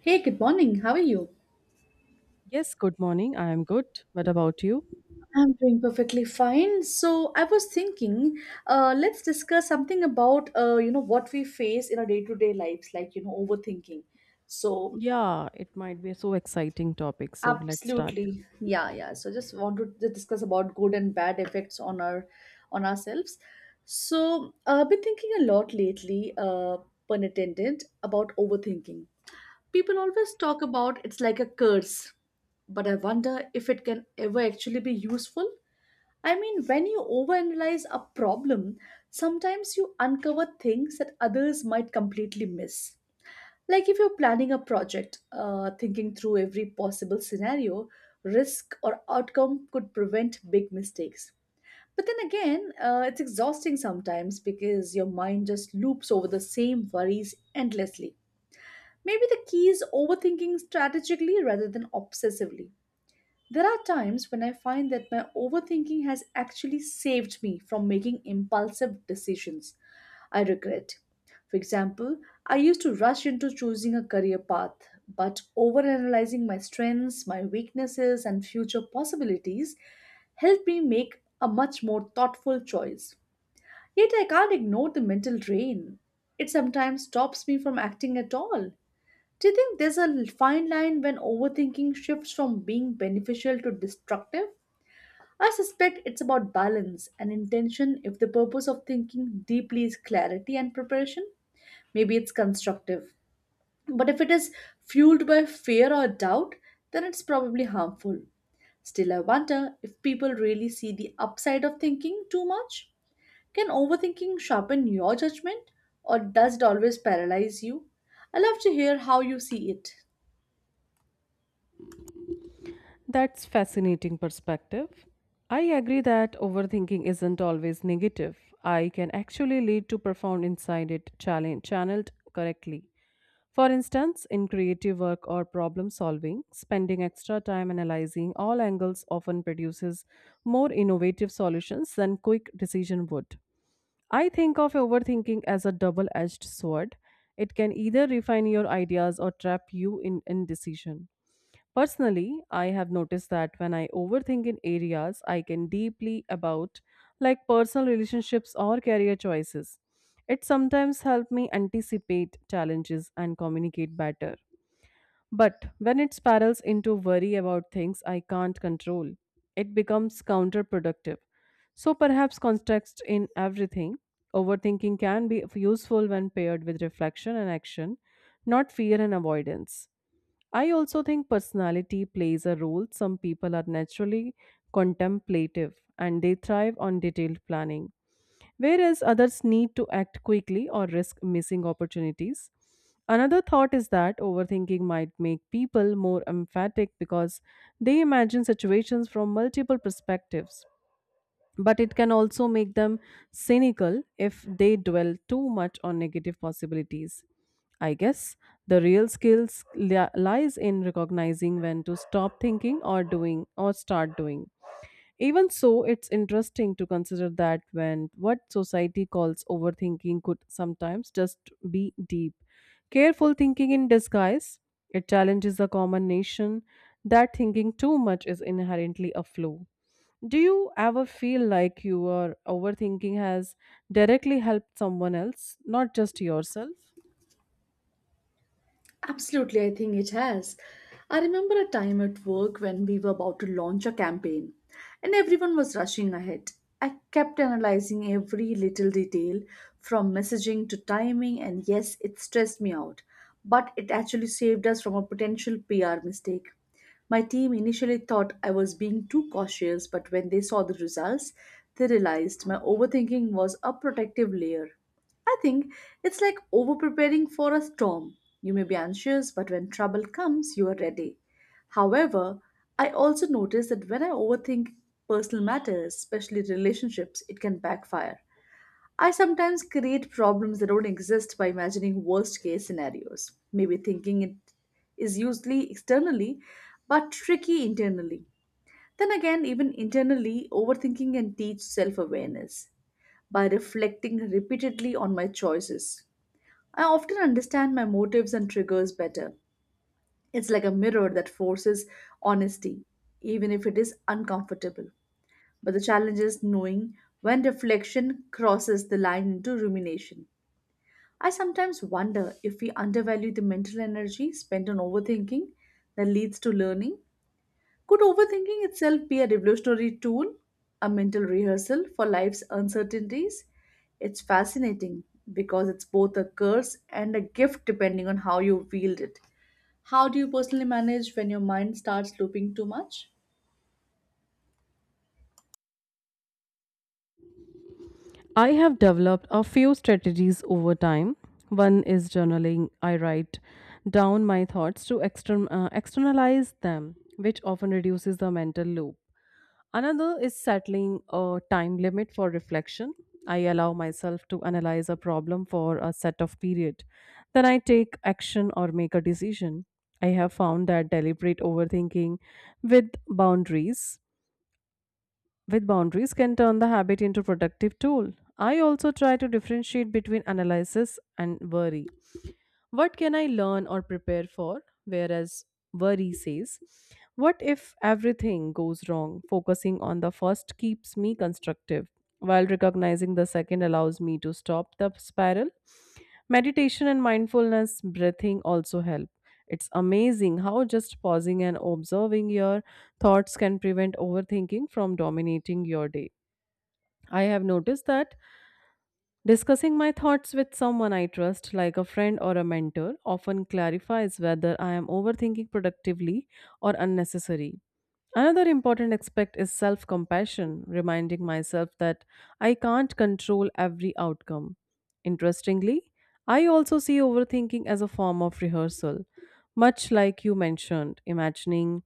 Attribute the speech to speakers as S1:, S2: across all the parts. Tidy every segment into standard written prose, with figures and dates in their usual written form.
S1: Hey, good morning. How are you?
S2: Yes, good morning. I am good. What about you?
S1: I'm doing perfectly fine. So I was thinking, let's discuss something about you know what we face in our day-to-day lives, like overthinking. So
S2: Yeah, it might be a exciting topic. So let's start.
S1: absolutely, yeah, yeah. So just want to just discuss about good and bad effects on our on ourselves. So I've been thinking a lot lately, pun intended, about overthinking. People always talk about it's like a curse, but I wonder if it can ever actually be useful. I mean, when you overanalyze a problem, sometimes you uncover things that others might completely miss. Like if you're planning a project, thinking through every possible scenario, risk, or outcome could prevent big mistakes. But then again, it's exhausting sometimes because your mind just loops over the same worries endlessly. Maybe the key is overthinking strategically rather than obsessively. There are times when I find that my overthinking has actually saved me from making impulsive decisions I regret. For example, I used to rush into choosing a career path, but overanalyzing my strengths, my weaknesses, and future possibilities helped me make a much more thoughtful choice. Yet I can't ignore the mental drain. It sometimes stops me from acting at all. Do you think there's a fine line when overthinking shifts from being beneficial to destructive? I suspect it's about balance and intention. If the purpose of thinking deeply is clarity and preparation, maybe it's constructive. But if it is fueled by fear or doubt, then it's probably harmful. Still, I wonder if people really see the upside of thinking too much. Can overthinking sharpen your judgment, or does it always paralyze you? I love to hear how you see it.
S2: That's fascinating perspective. I agree that overthinking isn't always negative. I can actually lead to profound insight it challenge channeled correctly. For instance, in creative work or problem solving, spending extra time analyzing all angles often produces more innovative solutions than quick decision would. I think of overthinking as a double edged sword. It can either refine your ideas or trap you in indecision. Personally, I have noticed that when I overthink in areas I can deeply about, like personal relationships or career choices, it sometimes helps me anticipate challenges and communicate better. But when it spirals into worry about things I can't control, it becomes counterproductive. So perhaps context in everything. Overthinking can be useful when paired with reflection and action, not fear and avoidance. I also think personality plays a role. Some people are naturally contemplative and they thrive on detailed planning, whereas others need to act quickly or risk missing opportunities. Another thought is that overthinking might make people more emphatic because they imagine situations from multiple perspectives but it can also make them cynical if they dwell too much on negative possibilities. I guess the real lies in recognizing when to stop thinking or doing or start doing. Even so, it's interesting to consider that when what society calls overthinking could sometimes just be deep, careful thinking in disguise. It challenges the common notion that thinking too much is inherently a flaw. Do you ever feel like your overthinking has directly helped someone else, not just yourself?
S1: Absolutely, I think it has. I remember a time at work when we were about to launch a campaign and everyone was rushing ahead. I kept analyzing every little detail from messaging to timing, and yes, it stressed me out, but it actually saved us from a potential PR mistake. My team initially thought I was being too cautious, but when they saw the results, they realized my overthinking was a protective layer. I think it's like over preparing for a storm. You may be anxious, but when trouble comes, you are ready. However, I also notice that when I overthink personal matters, especially relationships, it can backfire. I sometimes create problems that don't exist by imagining worst case scenarios, maybe thinking it is usually externally but tricky internally. Then again, even internally, overthinking can teach self awareness. By reflecting repeatedly on my choices, I often understand my motives and triggers better. It's like a mirror that forces honesty, even if it is uncomfortable. But the challenge is knowing when reflection crosses the line into rumination. I sometimes wonder if we undervalue the mental energy spent on overthinking that leads to learning. Could overthinking itself be a revolutionary tool, a mental rehearsal for life's uncertainties? It's fascinating because it's both a curse and a gift depending on how you wield it. How do you personally manage when your mind starts looping too much?
S2: I have developed a few strategies over time. One is journaling. I write down my thoughts to externalize them, which often reduces the mental loop. Another is settling a time limit for reflection. I allow myself to analyze a problem for a set of period. Then I take action or make a decision. I have found that deliberate overthinking with boundaries with boundaries can turn the habit into productive tool. I also try to differentiate between analysis and worry. What can I learn or prepare for? Whereas worry says, what if everything goes wrong? Focusing on the first keeps me constructive, while recognizing the second allows me to stop the spiral. Meditation and mindfulness breathing also help. It's amazing how just pausing and observing your thoughts can prevent overthinking from dominating your day. I have noticed that discussing my thoughts with someone I trust, like a friend or a mentor, often clarifies whether I am overthinking productively or unnecessary. Another important aspect is self compassion, reminding myself that I can't control every outcome. Interestingly, I also see overthinking as a form of rehearsal, much like you mentioned, imagining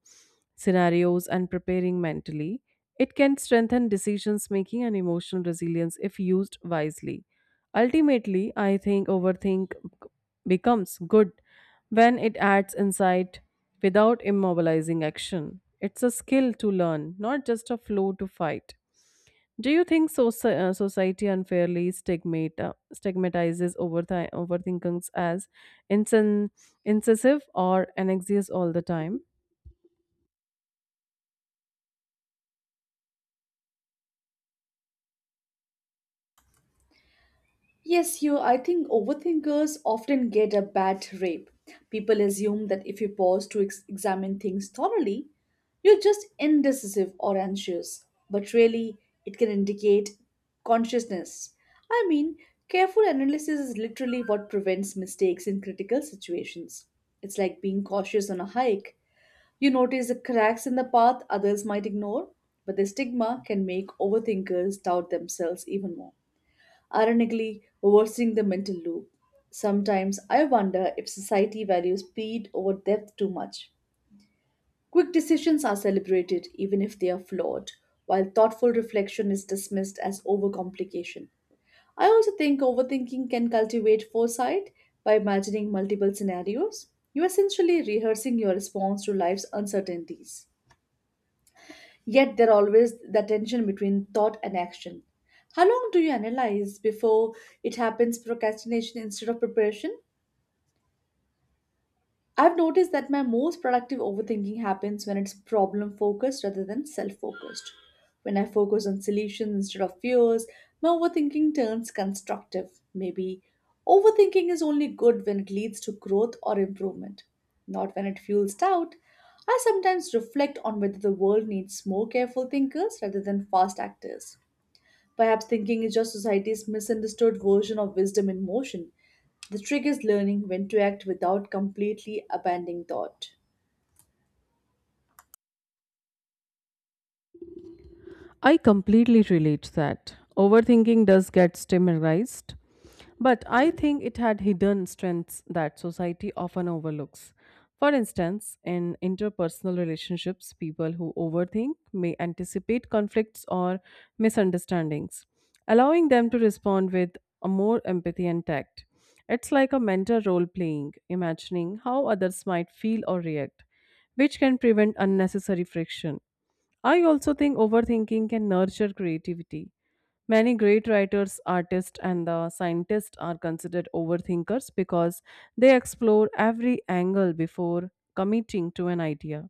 S2: scenarios and preparing mentally. It can strengthen decisions making and emotional resilience if used wisely. Ultimately, I think overthink becomes good when it adds insight without immobilizing action, it's a skill to learn, not just a flow to fight. Do you think society unfairly stigmatizes overthinkings as insen- incisive or anxious all the time?
S1: Yes, you. I think overthinkers often get a bad rap. People assume that if you pause to examine things thoroughly, you're just indecisive or anxious. But really, it can indicate consciousness. I mean, careful analysis is literally what prevents mistakes in critical situations. It's like being cautious on a hike. You notice the cracks in the path others might ignore, but the stigma can make overthinkers doubt themselves even more, ironically worsening the mental loop. Sometimes I wonder if society values speed over depth too much. Quick decisions are celebrated even if they are flawed, while thoughtful reflection is dismissed as overcomplication. I also think overthinking can cultivate foresight by imagining multiple scenarios. You're essentially rehearsing your response to life's uncertainties. Yet there always the tension between thought and action. How long do you analyze before it happens procrastination instead of preparation? I've noticed that my most productive overthinking happens when it's problem focused rather than self focused. When I focus on solutions instead of fears, my overthinking turns constructive. Maybe overthinking is only good when it leads to growth or improvement, not when it fuels doubt. I sometimes reflect on whether the world needs more careful thinkers rather than fast actors. Perhaps thinking is just society's misunderstood version of wisdom in motion. The trick is learning when to act without completely abandoning thought.
S2: I completely relate to that. Overthinking does get stimulated, but I think it had hidden strengths that society often overlooks. For instance, in interpersonal relationships, people who overthink may anticipate conflicts or misunderstandings, allowing them to respond with a more empathy and tact. It's like a mental role playing, imagining how others might feel or react, which can prevent unnecessary friction. I also think overthinking can nurture creativity. Many great writers, artists, and the scientists are considered overthinkers because they explore every angle before committing to an idea.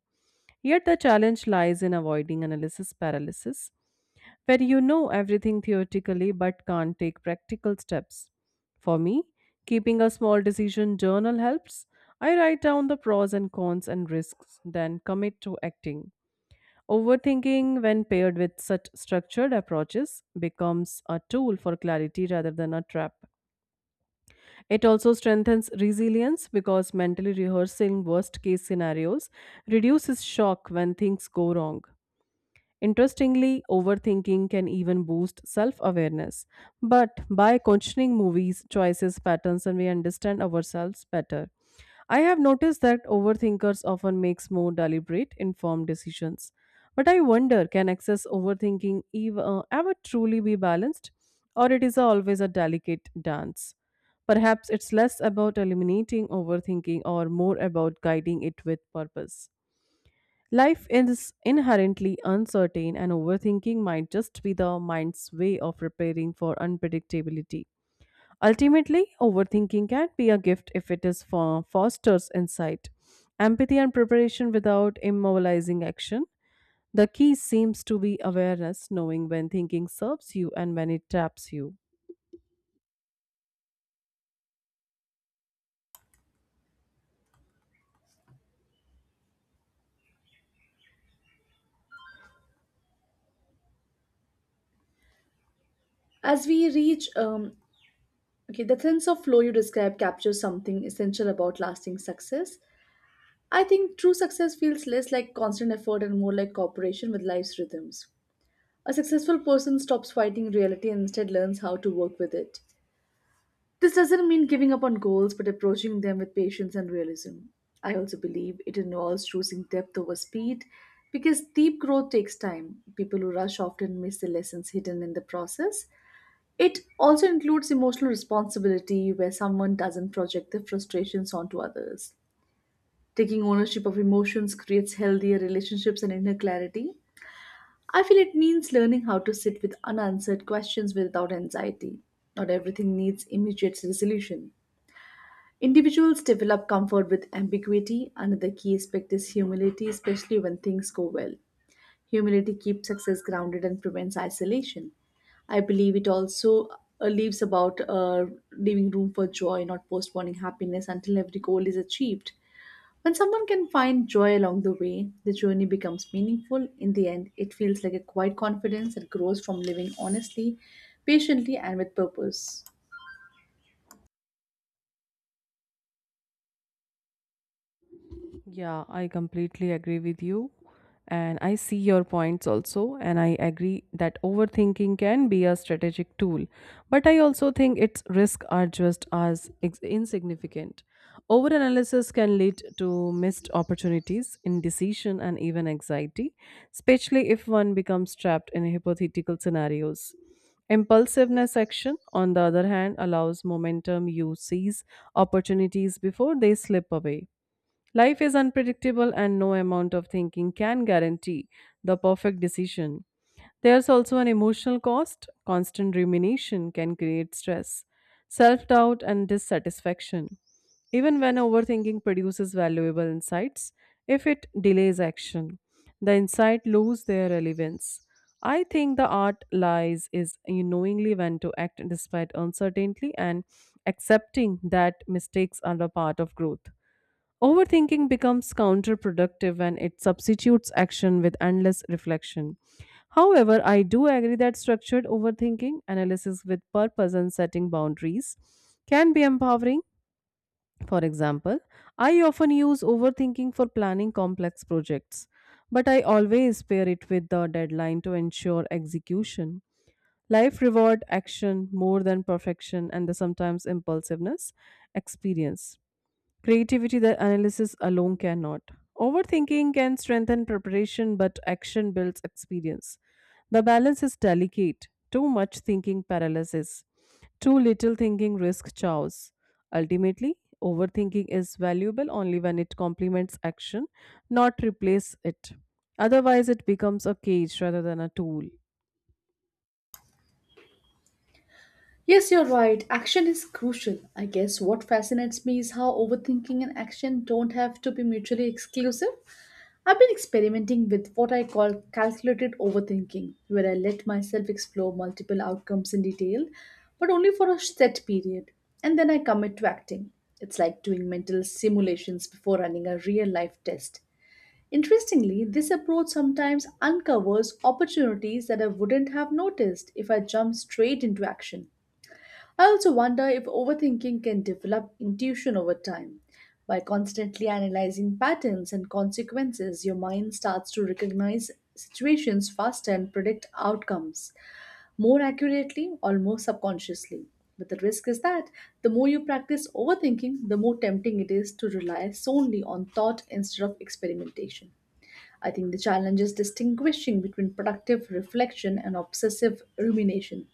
S2: Yet the challenge lies in avoiding analysis paralysis, where you know everything theoretically but can't take practical steps. For me, keeping a small decision journal helps. I write down the pros and cons and risks, then commit to acting. Overthinking, when paired with such structured approaches, becomes a tool for clarity rather than a trap. It also strengthens resilience because mentally rehearsing worst case scenarios reduces shock when things go wrong. Interestingly, overthinking can even boost self awareness. But by questioning movies, choices, patterns, and we understand ourselves better. I have noticed that overthinkers often makes more deliberate, informed decisions. But I wonder, can excess overthinking ever truly be balanced, or it is always a delicate dance? Perhaps it's less about eliminating overthinking or more about guiding it with purpose. Life is inherently uncertain, and overthinking might just be the mind's way of preparing for unpredictability. Ultimately, overthinking can be a gift if it is for fosters insight, empathy, and preparation without immobilizing action. The key seems to be awareness, knowing when thinking serves you and when it traps you.
S1: As we reach, okay, the sense of flow you describe captures something essential about lasting success. I think true success feels less like constant effort and more like cooperation with life's rhythms. A successful person stops fighting reality and instead learns how to work with it. This doesn't mean giving up on goals, but approaching them with patience and realism. I also believe it involves choosing depth over speed because deep growth takes time. People who rush often miss the lessons hidden in the process. It also includes emotional responsibility where someone doesn't project their frustrations onto others. Taking ownership of emotions creates healthier relationships and inner clarity. I feel it means learning how to sit with unanswered questions without anxiety. Not everything needs immediate resolution. Individuals develop comfort with ambiguity. Another key aspect is humility, especially when things go well. Humility keeps success grounded and prevents isolation. I believe it also leaves about leaving room for joy, not postponing happiness until every goal is achieved. When someone can find joy along the way, the journey becomes meaningful. In the end, it feels like a quiet confidence that grows from living honestly, patiently, and with purpose.
S2: Yeah, I completely agree with you. And I see your points also. And I agree that overthinking can be a strategic tool. But I also think its risks are just as insignificant. Overanalysis can lead to missed opportunities, indecision, and even anxiety, especially if one becomes trapped in hypothetical scenarios. Impulsiveness action, on the other hand, allows momentum you seize opportunities before they slip away. Life is unpredictable, and no amount of thinking can guarantee the perfect decision. There's also an emotional cost. Constant rumination can create stress, self doubt, and dissatisfaction. Even when overthinking produces valuable insights, if it delays action, the insight lose their relevance. I think the art lies is in knowingly when to act despite uncertainty and accepting that mistakes are a part of growth. Overthinking becomes counterproductive when it substitutes action with endless reflection. However, I do agree that structured overthinking, analysis with purpose, and setting boundaries can be empowering. For example, I often use overthinking for planning complex projects, but I always pair it with the deadline to ensure execution. Life reward action more than perfection and the sometimes impulsiveness experience. Creativity that analysis alone cannot. Overthinking can strengthen preparation, but action builds experience. The balance is delicate. Too much thinking paralyzes. Too little thinking risks chaos. Ultimately, overthinking is valuable only when it complements action, not replace it. Otherwise, it becomes a cage rather than a tool.
S1: Yes, you're right. Action is crucial. I guess what fascinates me is how overthinking and action don't have to be mutually exclusive. I've been experimenting with what I call calculated overthinking, where I let myself explore multiple outcomes in detail, but only for a set period, and then I commit to acting. It's like doing mental simulations before running a real life test. Interestingly, this approach sometimes uncovers opportunities that I wouldn't have noticed if I jumped straight into action. I also wonder if overthinking can develop intuition over time. By constantly analyzing patterns and consequences, your mind starts to recognize situations faster and predict outcomes more accurately, almost subconsciously. But the risk is that the more you practice overthinking, the more tempting it is to rely solely on thought instead of experimentation. I think the challenge is distinguishing between productive reflection and obsessive rumination.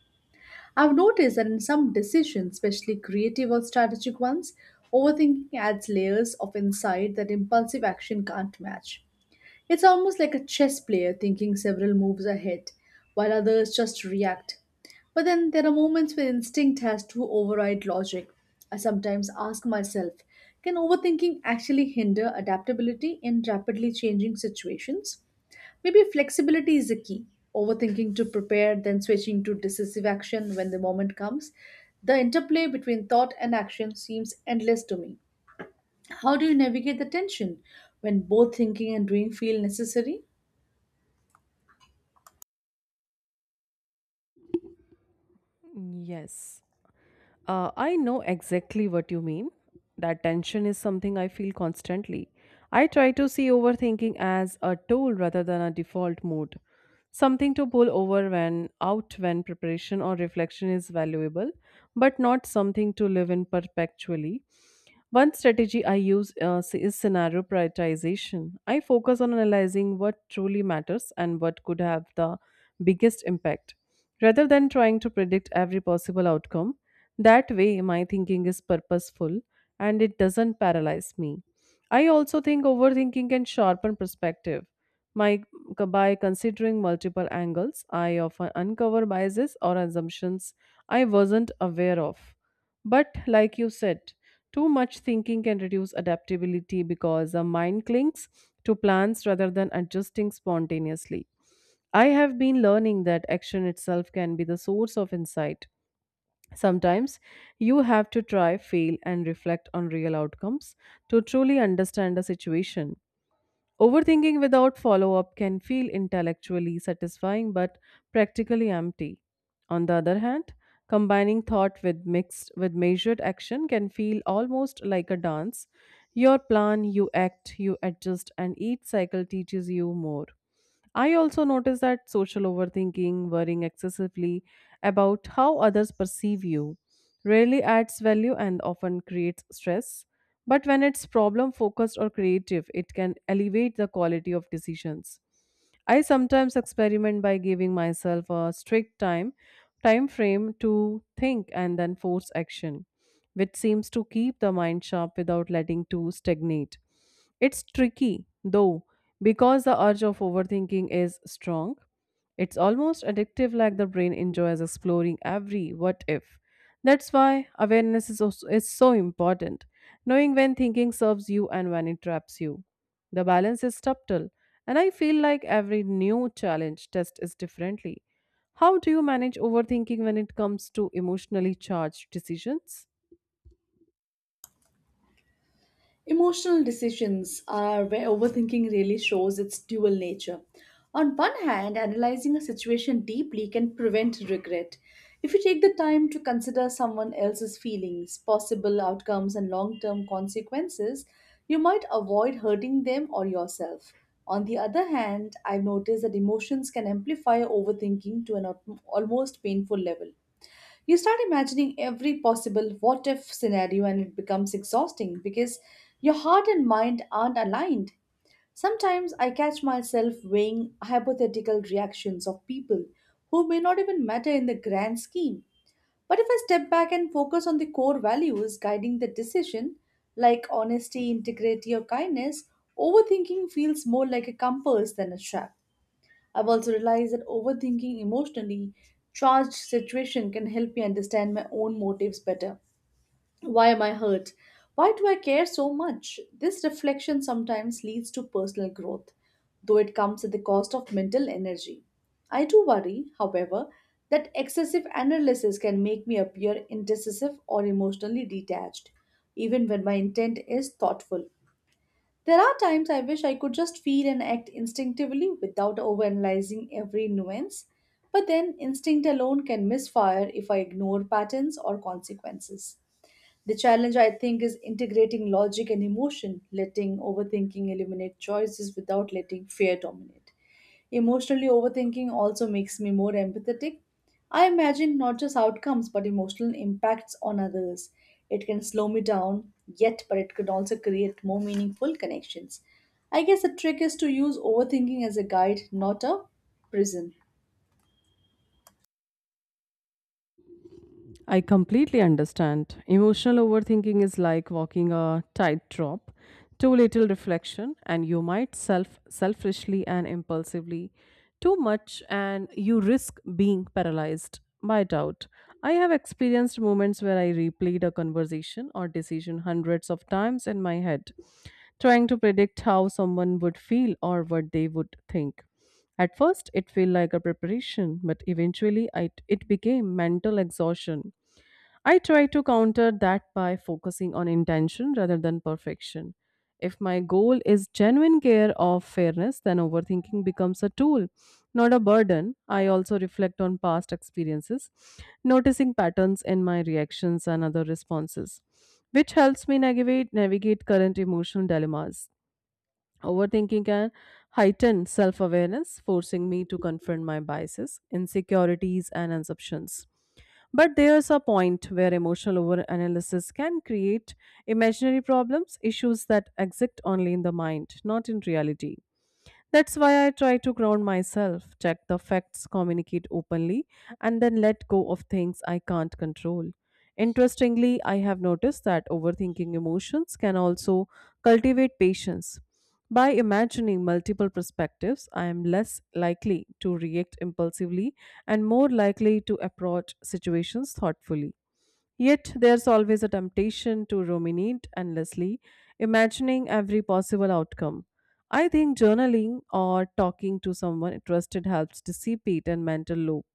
S1: I've noticed that in some decisions, especially creative or strategic ones, overthinking adds layers of insight that impulsive action can't match. It's almost like a chess player thinking several moves ahead, while others just react. But then there are moments where instinct has to override logic. I sometimes ask myself, can overthinking actually hinder adaptability in rapidly changing situations? Maybe flexibility is the key. Overthinking to prepare, then switching to decisive action when the moment comes. The interplay between thought and action seems endless to me. How do you navigate the tension when both thinking and doing feel necessary?
S2: Yes. I know exactly what you mean. That tension is something I feel constantly. I try to see overthinking as a tool rather than a default mode, something to pull over when out when preparation or reflection is valuable, but not something to live in perpetually. One strategy I use is scenario prioritization. I focus on analyzing what truly matters and what could have the biggest impact rather than trying to predict every possible outcome. That way, my thinking is purposeful and it doesn't paralyze me. I also think overthinking can sharpen perspective. My, by considering multiple angles, I often uncover biases or assumptions I wasn't aware of. But, like you said, too much thinking can reduce adaptability because the mind clings to plans rather than adjusting spontaneously. I have been learning that action itself can be the source of insight. Sometimes you have to try, fail, and reflect on real outcomes to truly understand a situation. Overthinking without follow up can feel intellectually satisfying but practically empty. On the other hand, combining thought with mixed with measured action can feel almost like a dance. Your plan, you act, you adjust, and each cycle teaches you more. I also notice that social overthinking, worrying excessively about how others perceive you, rarely adds value and often creates stress. But when it's problem focused or creative, it can elevate the quality of decisions. I sometimes experiment by giving myself a strict time frame to think and then force action, which seems to keep the mind sharp without letting to stagnate. It's tricky though because the urge of overthinking is strong, it's almost addictive, like the brain enjoys exploring every what if. That's why awareness is, also, is so important, knowing when thinking serves you and when it traps you. The balance is subtle, and I feel like every new challenge test is differently. How do you manage overthinking when it comes to emotionally charged decisions?
S1: Emotional decisions are where overthinking really shows its dual nature. On one hand, analyzing a situation deeply can prevent regret. If you take the time to consider someone else's feelings, possible outcomes, and long term consequences, you might avoid hurting them or yourself. On the other hand, I've noticed that emotions can amplify overthinking to an almost painful level. You start imagining every possible what if scenario and it becomes exhausting because your heart and mind aren't aligned. Sometimes I catch myself weighing hypothetical reactions of people who may not even matter in the grand scheme. But if I step back and focus on the core values guiding the decision, like honesty, integrity, or kindness, overthinking feels more like a compass than a trap. I've also realized that overthinking emotionally charged situation can help me understand my own motives better. Why am I hurt? Why do I care so much? This reflection sometimes leads to personal growth, though it comes at the cost of mental energy. I do worry, however, that excessive analysis can make me appear indecisive or emotionally detached, even when my intent is thoughtful. There are times I wish I could just feel and act instinctively without overanalyzing every nuance, but then instinct alone can misfire if I ignore patterns or consequences. The challenge, I think, is integrating logic and emotion, letting overthinking eliminate choices without letting fear dominate. Emotionally overthinking also makes me more empathetic. I imagine not just outcomes but emotional impacts on others. It can slow me down, yet, but it can also create more meaningful connections. I guess the trick is to use overthinking as a guide, not a prison.
S2: I completely understand. Emotional overthinking is like walking a tightrope. Too little reflection, and you might self selfishly and impulsively. Too much, and you risk being paralyzed by doubt. I have experienced moments where I replayed a conversation or decision hundreds of times in my head, trying to predict how someone would feel or what they would think. At first, it felt like a preparation, but eventually, it became mental exhaustion. I try to counter that by focusing on intention rather than perfection. If my goal is genuine care of fairness, then overthinking becomes a tool, not a burden. I also reflect on past experiences, noticing patterns in my reactions and other responses, which helps me navigate current emotional dilemmas. Overthinking can heighten self awareness, forcing me to confront my biases, insecurities, and assumptions. But there's a point where emotional overanalysis can create imaginary problems, issues that exist only in the mind, not in reality. That's why I try to ground myself, check the facts, communicate openly, and then let go of things I can't control. Interestingly, I have noticed that overthinking emotions can also cultivate patience. By imagining multiple perspectives, I am less likely to react impulsively and more likely to approach situations thoughtfully. Yet there's always a temptation to ruminate endlessly, imagining every possible outcome. I think journaling or talking to someone trusted helps dissipate and mental loop.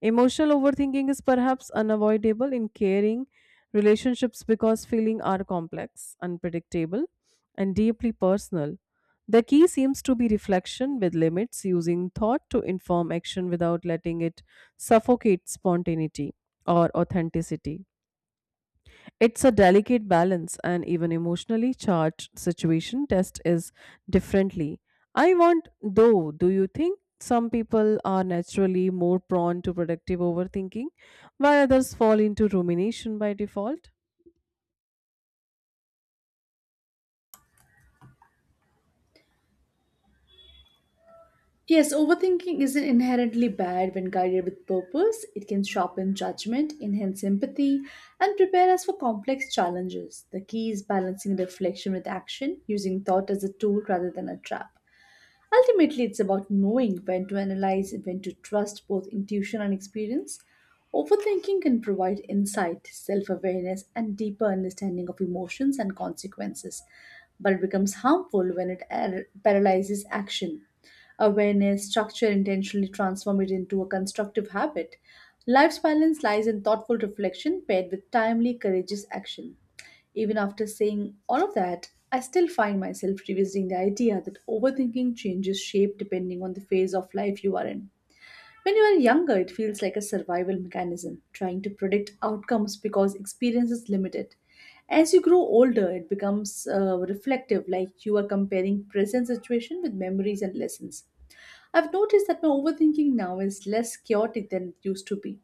S2: Emotional overthinking is perhaps unavoidable in caring relationships because feelings are complex, unpredictable, and deeply personal. The key seems to be reflection with limits, using thought to inform action without letting it suffocate spontaneity or authenticity. It's a delicate balance, and even emotionally charged situation test is differently. I want, though, do you think some people are naturally more prone to productive overthinking, while others fall into rumination by default?
S1: Yes, overthinking isn't inherently bad when guided with purpose. It can sharpen judgment, enhance empathy, and prepare us for complex challenges. The key is balancing reflection with action, using thought as a tool rather than a trap. Ultimately, it's about knowing when to analyze and when to trust both intuition and experience. Overthinking can provide insight, self awareness, and deeper understanding of emotions and consequences, but it becomes harmful when paralyzes action. Awareness, structure intentionally transform it into a constructive habit. Life's balance lies in thoughtful reflection paired with timely, courageous action. Even after saying all of that, I still find myself revisiting the idea that overthinking changes shape depending on the phase of life you are in. When you are younger, it feels like a survival mechanism, trying to predict outcomes because experience is limited. As you grow older, it becomes reflective, like you are comparing present situation with memories and lessons. I've noticed that my overthinking now is less chaotic than it used to be.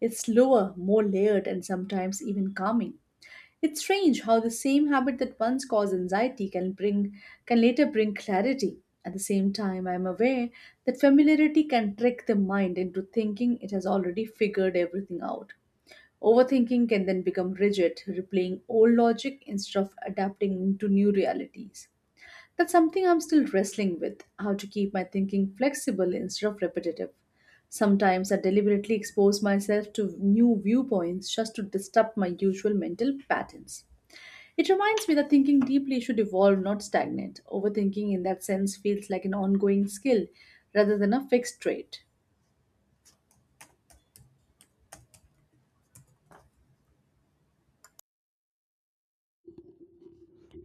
S1: It's slower, more layered, and sometimes even calming. It's strange how the same habit that once caused anxiety can later bring clarity. At the same time, I'm aware that familiarity can trick the mind into thinking it has already figured everything out. Overthinking can then become rigid, replaying old logic instead of adapting to new realities. That's something I'm still wrestling with how to keep my thinking flexible instead of repetitive. Sometimes I deliberately expose myself to new viewpoints just to disrupt my usual mental patterns. It reminds me that thinking deeply should evolve, not stagnate. Overthinking, in that sense, feels like an ongoing skill rather than a fixed trait.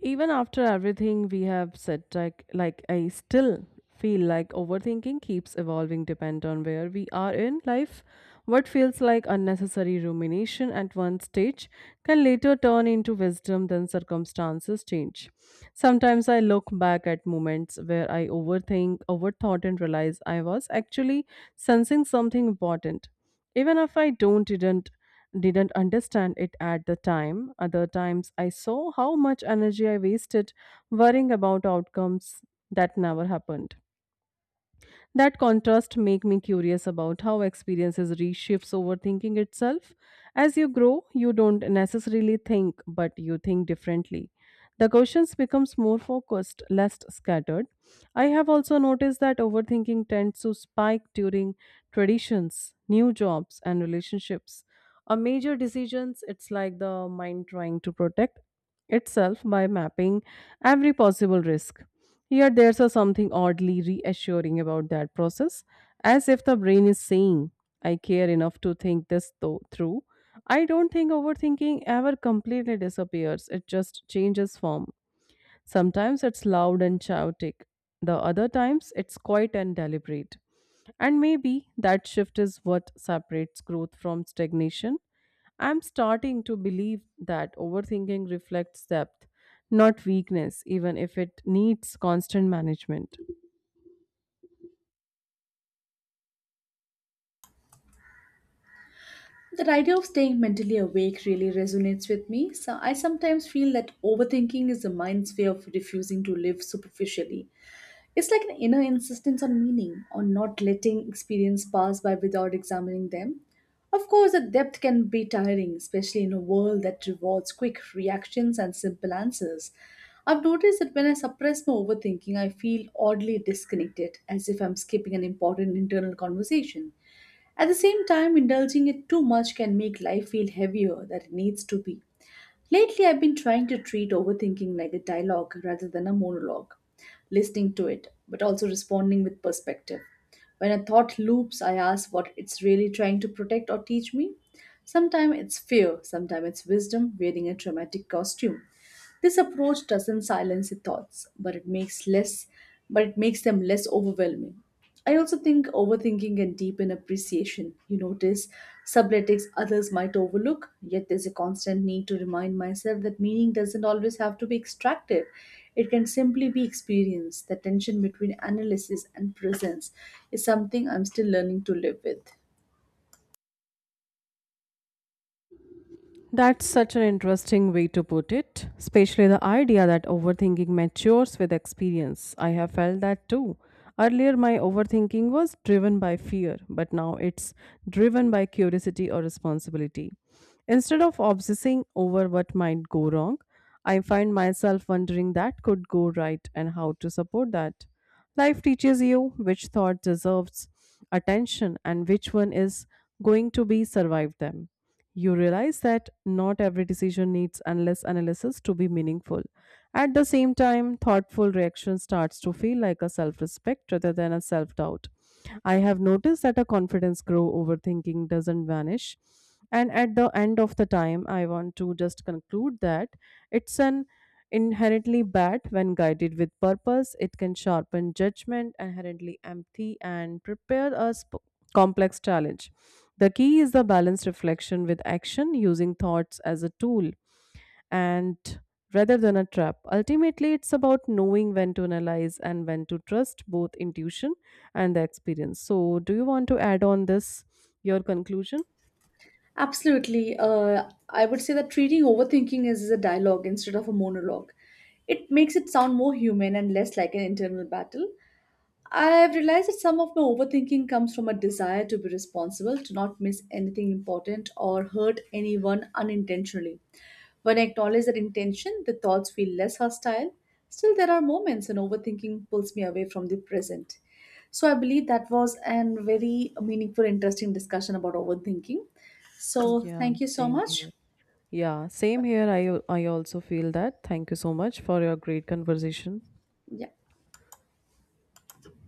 S2: Even after everything we have said, like I still feel like overthinking keeps evolving depend on where we are in life. What feels like unnecessary rumination at one stage can later turn into wisdom then circumstances change. Sometimes I look back at moments where I overthought and realize I was actually sensing something important even if I don't didn't understand it at the time. Other times I saw how much energy I wasted worrying about outcomes that never happened. That contrast make me curious about how experiences reshifts overthinking itself. As you grow, you don't necessarily think, but you think differently. The questions becomes more focused, less scattered. I have also noticed that overthinking tends to spike during traditions, new jobs and relationships. A major decisions, it's like the mind trying to protect itself by mapping every possible risk. Here, there's a something oddly reassuring about that process, as if the brain is saying, I care enough to think through. I don't think overthinking ever completely disappears, it just changes form. Sometimes it's loud and chaotic, the other times it's quiet and deliberate. And maybe that shift is what separates growth from stagnation. I'm starting to believe that overthinking reflects depth, not weakness, even if it needs constant management.
S1: That idea of staying mentally awake really resonates with me. So I sometimes feel that overthinking is the mind's way of refusing to live superficially. It's like an inner insistence on meaning, on not letting experience pass by without examining them. Of course, the depth can be tiring, especially in a world that rewards quick reactions and simple answers. I've noticed that when I suppress my overthinking, I feel oddly disconnected, as if I'm skipping an important internal conversation. At the same time, indulging it too much can make life feel heavier than it needs to be. Lately, I've been trying to treat overthinking like a dialogue rather than a monologue, listening to it, but also responding with perspective. When a thought loops, I ask what it's really trying to protect or teach me. Sometimes it's fear, sometimes it's wisdom wearing a dramatic costume. This approach doesn't silence the thoughts, but it makes them less overwhelming. I also think overthinking can deepen appreciation. You notice subletics others might overlook, yet there's a constant need to remind myself that meaning doesn't always have to be extracted. It can simply be experienced. The tension between analysis and presence is something I'm still learning to live with.
S2: That's such an interesting way to put it, especially the idea that overthinking matures with experience. I have felt that too. Earlier, my overthinking was driven by fear, but now it's driven by curiosity or responsibility. Instead of obsessing over what might go wrong, I find myself wondering that could go right and how to support that. Life teaches you which thought deserves attention and which one is going to be survived them. You realize that not every decision needs endless analysis to be meaningful. At the same time, thoughtful reaction starts to feel like a self respect rather than a self doubt. I have noticed that a confidence grow overthinking doesn't vanish. And at the end of the time, I want to just conclude that it's an inherently bad when guided with purpose. It can sharpen judgment, inherently empty, and prepare us complex challenge. The key is the balanced reflection with action using thoughts as a tool and rather than a trap. Ultimately, it's about knowing when to analyze and when to trust both intuition and the experience. So, do you want to add on this your conclusion?
S1: Absolutely. I would say that treating overthinking as a dialogue instead of a monologue. It makes it sound more human and less like an internal battle. I have realized that some of my overthinking comes from a desire to be responsible, to not miss anything important or hurt anyone unintentionally. When I acknowledge that intention, the thoughts feel less hostile. Still, there are moments when overthinking pulls me away from the present. So, I believe that was a very meaningful, interesting discussion about overthinking. So,
S2: Yeah,
S1: thank you so
S2: same here.
S1: much.
S2: Yeah, same
S1: Okay.
S2: here. I also feel that. Thank you so much for your great conversation.
S1: Yeah.